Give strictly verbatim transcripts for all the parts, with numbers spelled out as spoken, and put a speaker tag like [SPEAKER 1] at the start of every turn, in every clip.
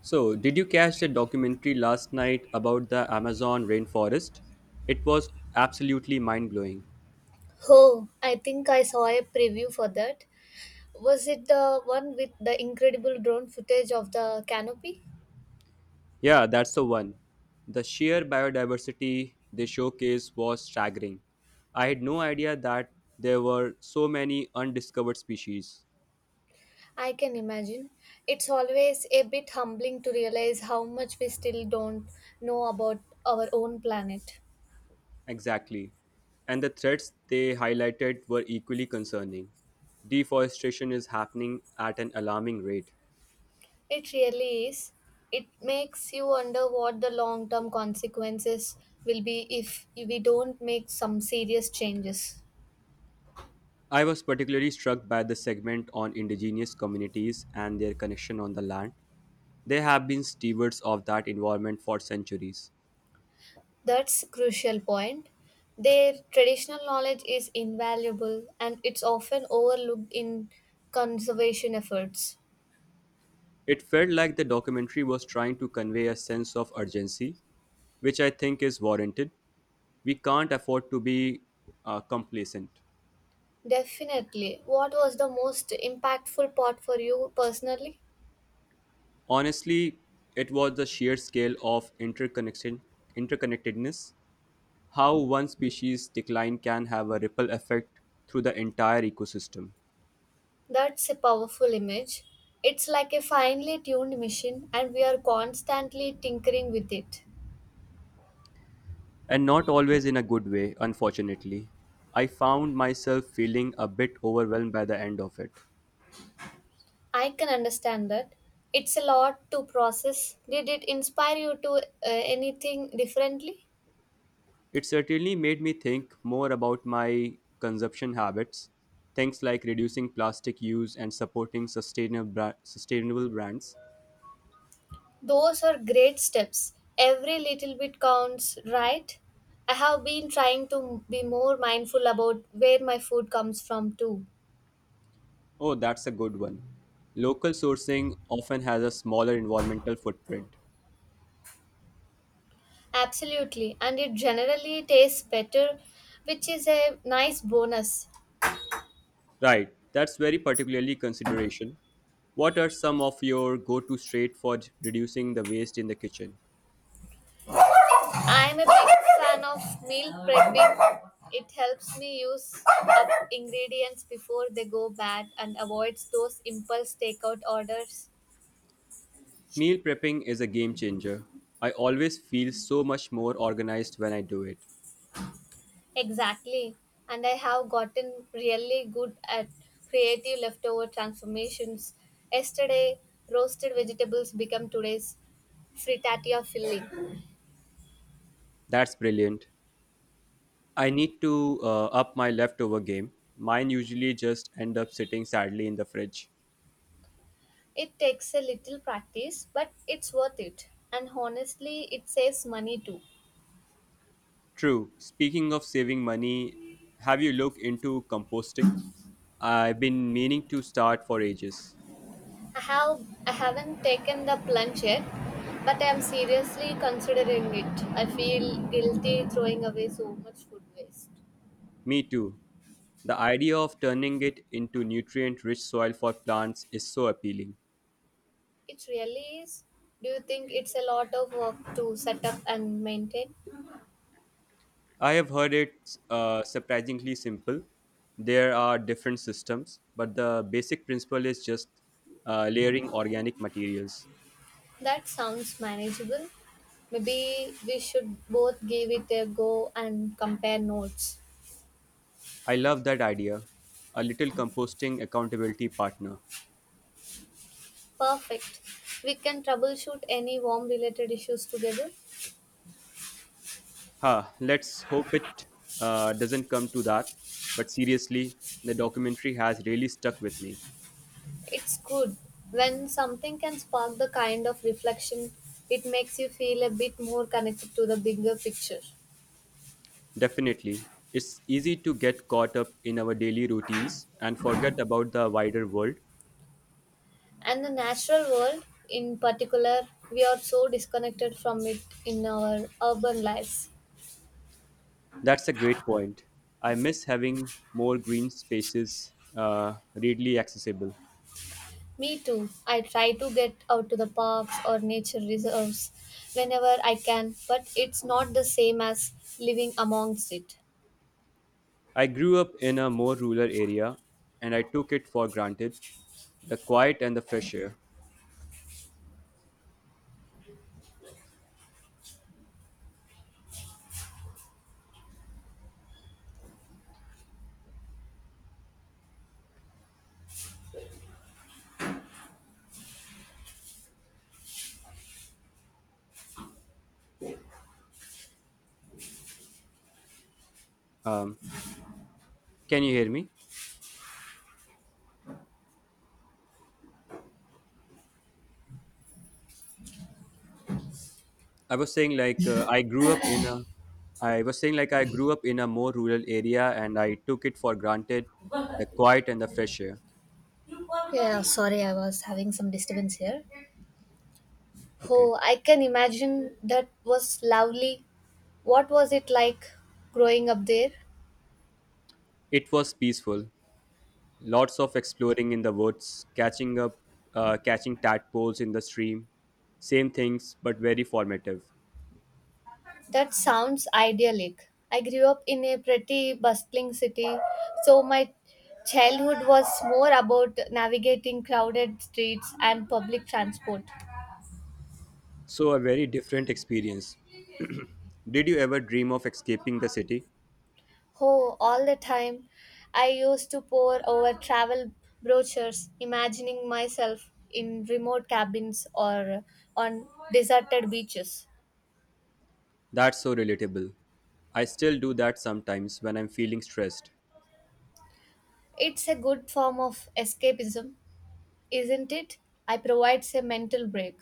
[SPEAKER 1] So, did you catch the documentary last night about the Amazon rainforest? It was absolutely mind blowing.
[SPEAKER 2] Oh, I think I saw a preview for that. Was it the one with the incredible drone footage of the canopy?
[SPEAKER 1] Yeah, that's the one. The sheer biodiversity they showcased was staggering. I had no idea that there were so many undiscovered species.
[SPEAKER 2] I can imagine. It's always a bit humbling to realize how much we still don't know about our own planet.
[SPEAKER 1] Exactly. And the threats they highlighted were equally concerning. Deforestation is happening at an alarming rate.
[SPEAKER 2] It really is. It makes you wonder what the long term consequences will be if we don't make some serious changes.
[SPEAKER 1] I was particularly struck by the segment on indigenous communities and their connection on the land. They have been stewards of that environment for centuries.
[SPEAKER 2] That's crucial point. Their traditional knowledge is invaluable and it's often overlooked in conservation efforts.
[SPEAKER 1] It felt like the documentary was trying to convey a sense of urgency, which I think is warranted. We can't afford to be uh, complacent.
[SPEAKER 2] Definitely. What was the most impactful part for you personally?
[SPEAKER 1] Honestly, it was the sheer scale of interconnection, interconnectedness, how one species decline can have a ripple effect through the entire ecosystem.
[SPEAKER 2] That's a powerful image. It's like a finely tuned machine and we are constantly tinkering with it.
[SPEAKER 1] And not always in a good way, unfortunately. I found myself feeling a bit overwhelmed by the end of it.
[SPEAKER 2] I can understand that. It's a lot to process. Did it inspire you to uh, anything differently?
[SPEAKER 1] It certainly made me think more about my consumption habits, things like reducing plastic use and supporting sustainable, bra- sustainable brands.
[SPEAKER 2] Those are great steps. Every little bit counts, right? I have been trying to be more mindful about where my food comes from, too.
[SPEAKER 1] Oh, that's a good one. Local sourcing often has a smaller environmental footprint.
[SPEAKER 2] Absolutely, and it generally tastes better, which is a nice bonus.
[SPEAKER 1] Right, that's very particularly consideration. What are some of your go-to straight for reducing the waste in the kitchen?
[SPEAKER 2] I am a big fan of meal prepping. It helps me use up ingredients before they go bad and avoids those impulse takeout orders.
[SPEAKER 1] Meal prepping is a game changer. I always feel so much more organized when I do it.
[SPEAKER 2] Exactly. And I have gotten really good at creative leftover transformations. Yesterday, roasted vegetables become today's frittata filling.
[SPEAKER 1] That's brilliant. I need to uh, up my leftover game. Mine usually just end up sitting sadly in the fridge.
[SPEAKER 2] It takes a little practice, but it's worth it. And honestly, it saves money too.
[SPEAKER 1] True. Speaking of saving money, have you looked into composting? I've been meaning to start for ages.
[SPEAKER 2] I have I haven't taken the plunge yet, but I am seriously considering it. I feel guilty throwing away so much food waste.
[SPEAKER 1] Me too. The idea of turning it into nutrient rich soil for plants is so appealing.
[SPEAKER 2] It really is. Do you think it's a lot of work to set up and maintain?
[SPEAKER 1] I have heard it's uh, surprisingly simple. There are different systems, but the basic principle is just uh, layering organic materials.
[SPEAKER 2] That sounds manageable. Maybe we should both give it a go and compare notes.
[SPEAKER 1] I love that idea. A little composting accountability partner.
[SPEAKER 2] Perfect. We can troubleshoot any warm related issues together.
[SPEAKER 1] Ha, let's hope it uh, doesn't come to that. But seriously, the documentary has really stuck with me.
[SPEAKER 2] It's good. When something can spark the kind of reflection, it makes you feel a bit more connected to the bigger picture.
[SPEAKER 1] Definitely. It's easy to get caught up in our daily routines and forget about the wider world.
[SPEAKER 2] And the natural world in particular, we are so disconnected from it in our urban lives.
[SPEAKER 1] That's a great point. I miss having more green spaces uh, readily accessible.
[SPEAKER 2] Me too. I try to get out to the parks or nature reserves whenever I can, but it's not the same as living amongst it.
[SPEAKER 1] I grew up in a more rural area and I took it for granted the quiet and the fresh air. Um, can you hear me? I was saying like uh, I grew up in a I was saying like I grew up in a more rural area and I took it for granted the quiet and the fresh air.
[SPEAKER 2] Yeah, sorry, I was having some disturbance here.
[SPEAKER 1] Okay.
[SPEAKER 2] Oh, I can imagine that was lovely. What was it like growing up there?
[SPEAKER 1] It was peaceful. Lots of exploring in the woods, catching up, uh, catching tadpoles in the stream. Same things, but very formative.
[SPEAKER 2] That sounds idyllic. I grew up in a pretty bustling city, so my childhood was more about navigating crowded streets and public transport.
[SPEAKER 1] So, a very different experience. Did you ever dream of escaping the city?
[SPEAKER 2] Oh, all the time. I used to pore over travel brochures, imagining myself in remote cabins or on deserted beaches.
[SPEAKER 1] That's so relatable. I still do that sometimes when I'm feeling stressed.
[SPEAKER 2] It's a good form of escapism, isn't it? I provides a mental break.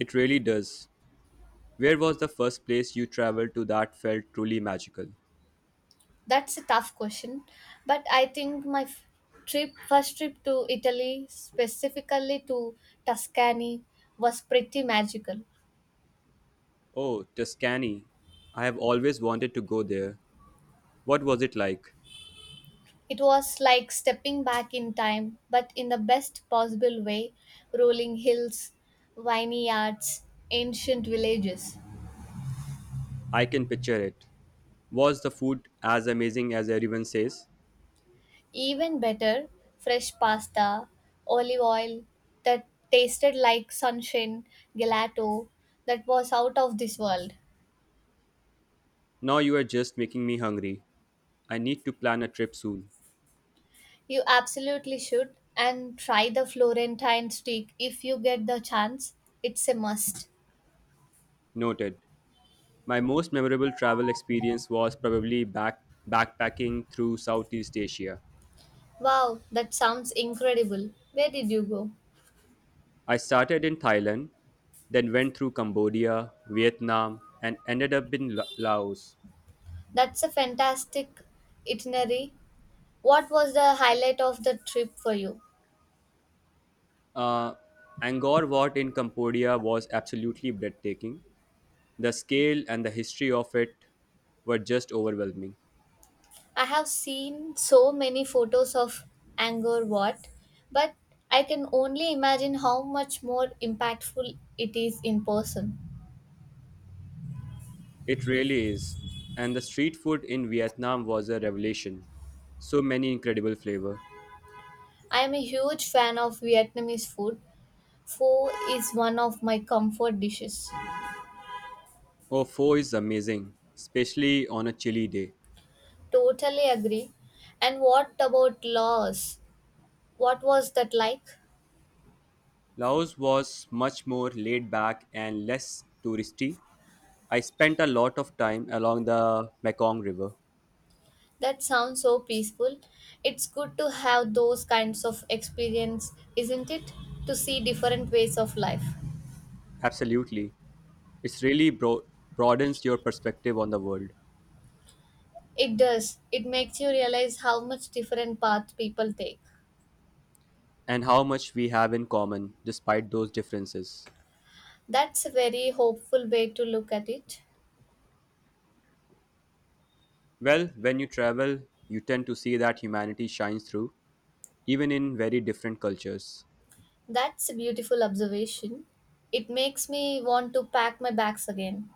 [SPEAKER 1] It really does. Where was the first place you traveled to that felt truly magical?
[SPEAKER 2] That's a tough question, but I think my f- trip, first trip to Italy, specifically to Tuscany, was pretty magical.
[SPEAKER 1] Oh, Tuscany. I have always wanted to go there. What was it like?
[SPEAKER 2] It was like stepping back in time, but in the best possible way, rolling hills, vineyards, ancient villages.
[SPEAKER 1] I can picture it. Was the food as amazing as everyone says?
[SPEAKER 2] Even better, fresh pasta, olive oil that tasted like sunshine, gelato that was out of this world.
[SPEAKER 1] Now you are just making me hungry. I need to plan a trip soon.
[SPEAKER 2] You absolutely should. And try the Florentine steak if you get the chance. It's a must.
[SPEAKER 1] Noted. My most memorable travel experience was probably back backpacking through Southeast Asia.
[SPEAKER 2] Wow, that sounds incredible. Where did you go?
[SPEAKER 1] I started in Thailand, then went through Cambodia, Vietnam, and ended up in La- Laos.
[SPEAKER 2] That's a fantastic itinerary. What was the highlight of the trip for you?
[SPEAKER 1] Uh, Angkor Wat in Cambodia was absolutely breathtaking. The scale and the history of it were just overwhelming.
[SPEAKER 2] I have seen so many photos of Angkor Wat, but I can only imagine how much more impactful it is in person.
[SPEAKER 1] It really is. And the street food in Vietnam was a revelation. So many incredible flavor.
[SPEAKER 2] I am a huge fan of Vietnamese food, Pho is one of my comfort dishes.
[SPEAKER 1] Oh, pho is amazing, especially on a chilly day.
[SPEAKER 2] Totally agree. And what about Laos? What was that like?
[SPEAKER 1] Laos was much more laid back and less touristy. I spent a lot of time along the Mekong River.
[SPEAKER 2] That sounds so peaceful. It's good to have those kinds of experience, isn't it? To see different ways of life.
[SPEAKER 1] Absolutely. It's really bro- broadens your perspective on the world.
[SPEAKER 2] It does. It makes you realize how much different path people take.
[SPEAKER 1] And how much we have in common despite those differences.
[SPEAKER 2] That's a very hopeful way to look at it.
[SPEAKER 1] Well, when you travel, you tend to see that humanity shines through even in very different cultures.
[SPEAKER 2] That's a beautiful observation. It makes me want to pack my bags again.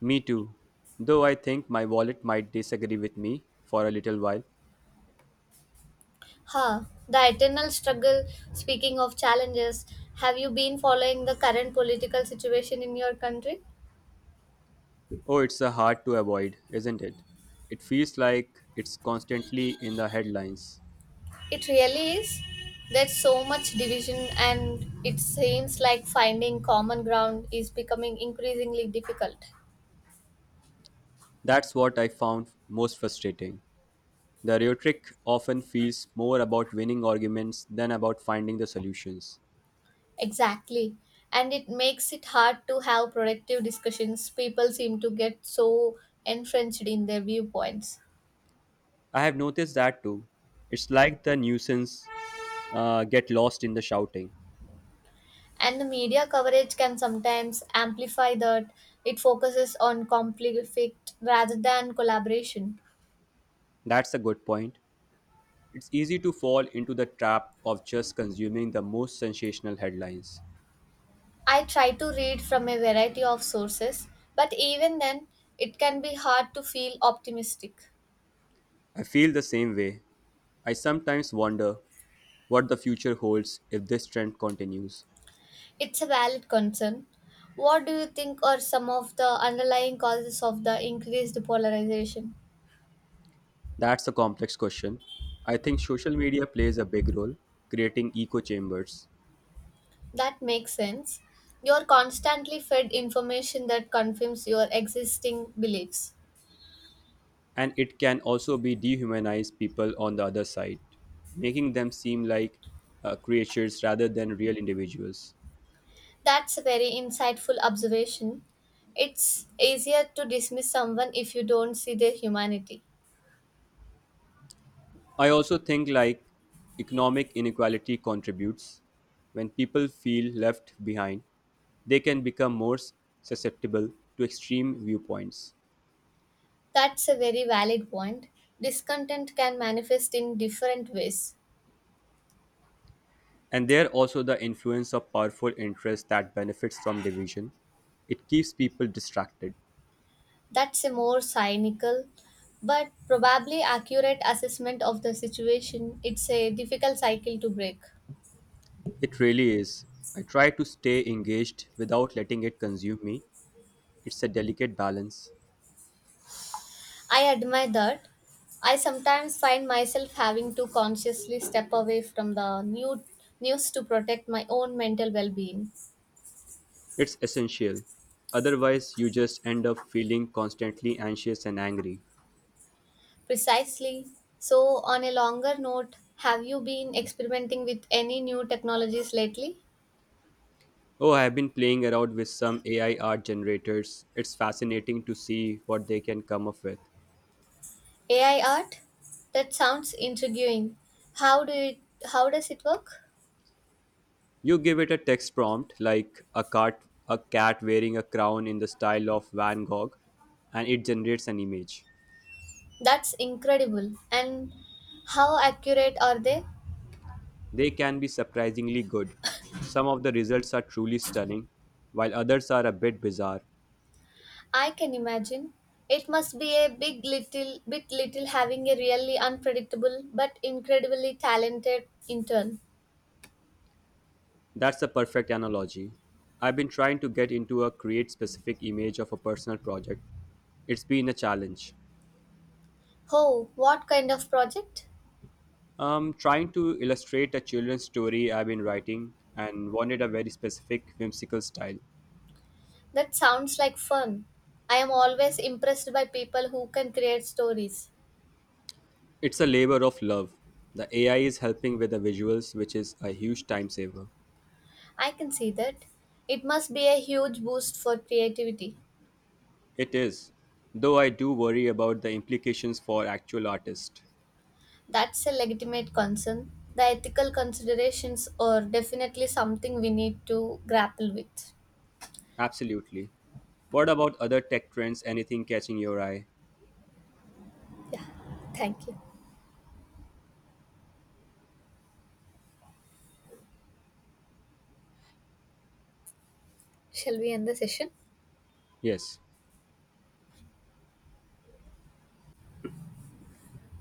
[SPEAKER 1] Me too. Though I think my wallet might disagree with me for a little while.
[SPEAKER 2] Huh, the eternal struggle. Speaking of challenges, have you been following the current political situation in your country?
[SPEAKER 1] Oh, it's a hard to avoid, isn't it? It feels like it's constantly in the headlines.
[SPEAKER 2] It really is. There's so much division, and it seems like finding common ground is becoming increasingly difficult.
[SPEAKER 1] That's what I found most frustrating. The rhetoric often feels more about winning arguments than about finding the solutions.
[SPEAKER 2] Exactly. And it makes it hard to have productive discussions. People seem to get so entrenched in their viewpoints.
[SPEAKER 1] I have noticed that too. It's like the nuisance uh, get lost in the shouting.
[SPEAKER 2] And the media coverage can sometimes amplify that. It focuses on conflict rather than collaboration.
[SPEAKER 1] That's a good point. It's easy to fall into the trap of just consuming the most sensational headlines.
[SPEAKER 2] I try to read from a variety of sources, but even then, it can be hard to feel optimistic.
[SPEAKER 1] I feel the same way. I sometimes wonder what the future holds if this trend continues.
[SPEAKER 2] It's a valid concern. What do you think are some of the underlying causes of the increased polarization?
[SPEAKER 1] That's a complex question. I think social media plays a big role, creating echo chambers,
[SPEAKER 2] That makes sense. You're constantly fed information that confirms your existing beliefs.
[SPEAKER 1] and it can also be dehumanize people on the other side, making them seem like uh, creatures rather than real individuals.
[SPEAKER 2] That's a very insightful observation. It's easier to dismiss someone if you don't see their humanity.
[SPEAKER 1] I also think like economic inequality contributes. When people feel left behind, they can become more susceptible to extreme viewpoints.
[SPEAKER 2] That's a very valid point. Discontent can manifest in different ways.
[SPEAKER 1] And there also the influence of powerful interests that benefits from division. It keeps people distracted.
[SPEAKER 2] That's a more cynical but probably accurate assessment of the situation. It's a difficult cycle to break.
[SPEAKER 1] It really is. I try to stay engaged without letting it consume me. It's a delicate balance.
[SPEAKER 2] I admire that. I sometimes find myself having to consciously step away from the new news to protect my own mental well-being.
[SPEAKER 1] It's essential. Otherwise, you just end up feeling constantly anxious and angry.
[SPEAKER 2] Precisely. So, on a longer note, have you been experimenting with any new technologies lately?
[SPEAKER 1] Oh, I've been playing around with some A I art generators. It's fascinating to see what they can come up with.
[SPEAKER 2] A I art? That sounds intriguing. How do it how does it work?
[SPEAKER 1] You give it a text prompt like a cat, a cat wearing a crown in the style of Van Gogh, and it generates an image.
[SPEAKER 2] That's incredible. And how accurate are they?
[SPEAKER 1] They can be surprisingly good. Some of the results are truly stunning, while others are a bit bizarre.
[SPEAKER 2] I can imagine. It must be a big little bit little having a really unpredictable but incredibly talented intern.
[SPEAKER 1] That's a perfect analogy. I've been trying to get into a create specific image of a personal project. It's been a challenge.
[SPEAKER 2] Oh, what kind of project?
[SPEAKER 1] I trying to illustrate a children's story I've been writing and wanted a very specific whimsical style.
[SPEAKER 2] That sounds like fun. I am always impressed by people who can create stories.
[SPEAKER 1] It's a labor of love. The A I is helping with the visuals, which is a huge time saver.
[SPEAKER 2] I can see that. It must be a huge boost for creativity.
[SPEAKER 1] It is, though I do worry about the implications for actual artists.
[SPEAKER 2] That's a legitimate concern. The ethical considerations are definitely something we need to grapple with.
[SPEAKER 1] Absolutely. What about other tech trends? Anything catching your eye?
[SPEAKER 2] Yeah, thank you. Shall we end the session?
[SPEAKER 1] Yes.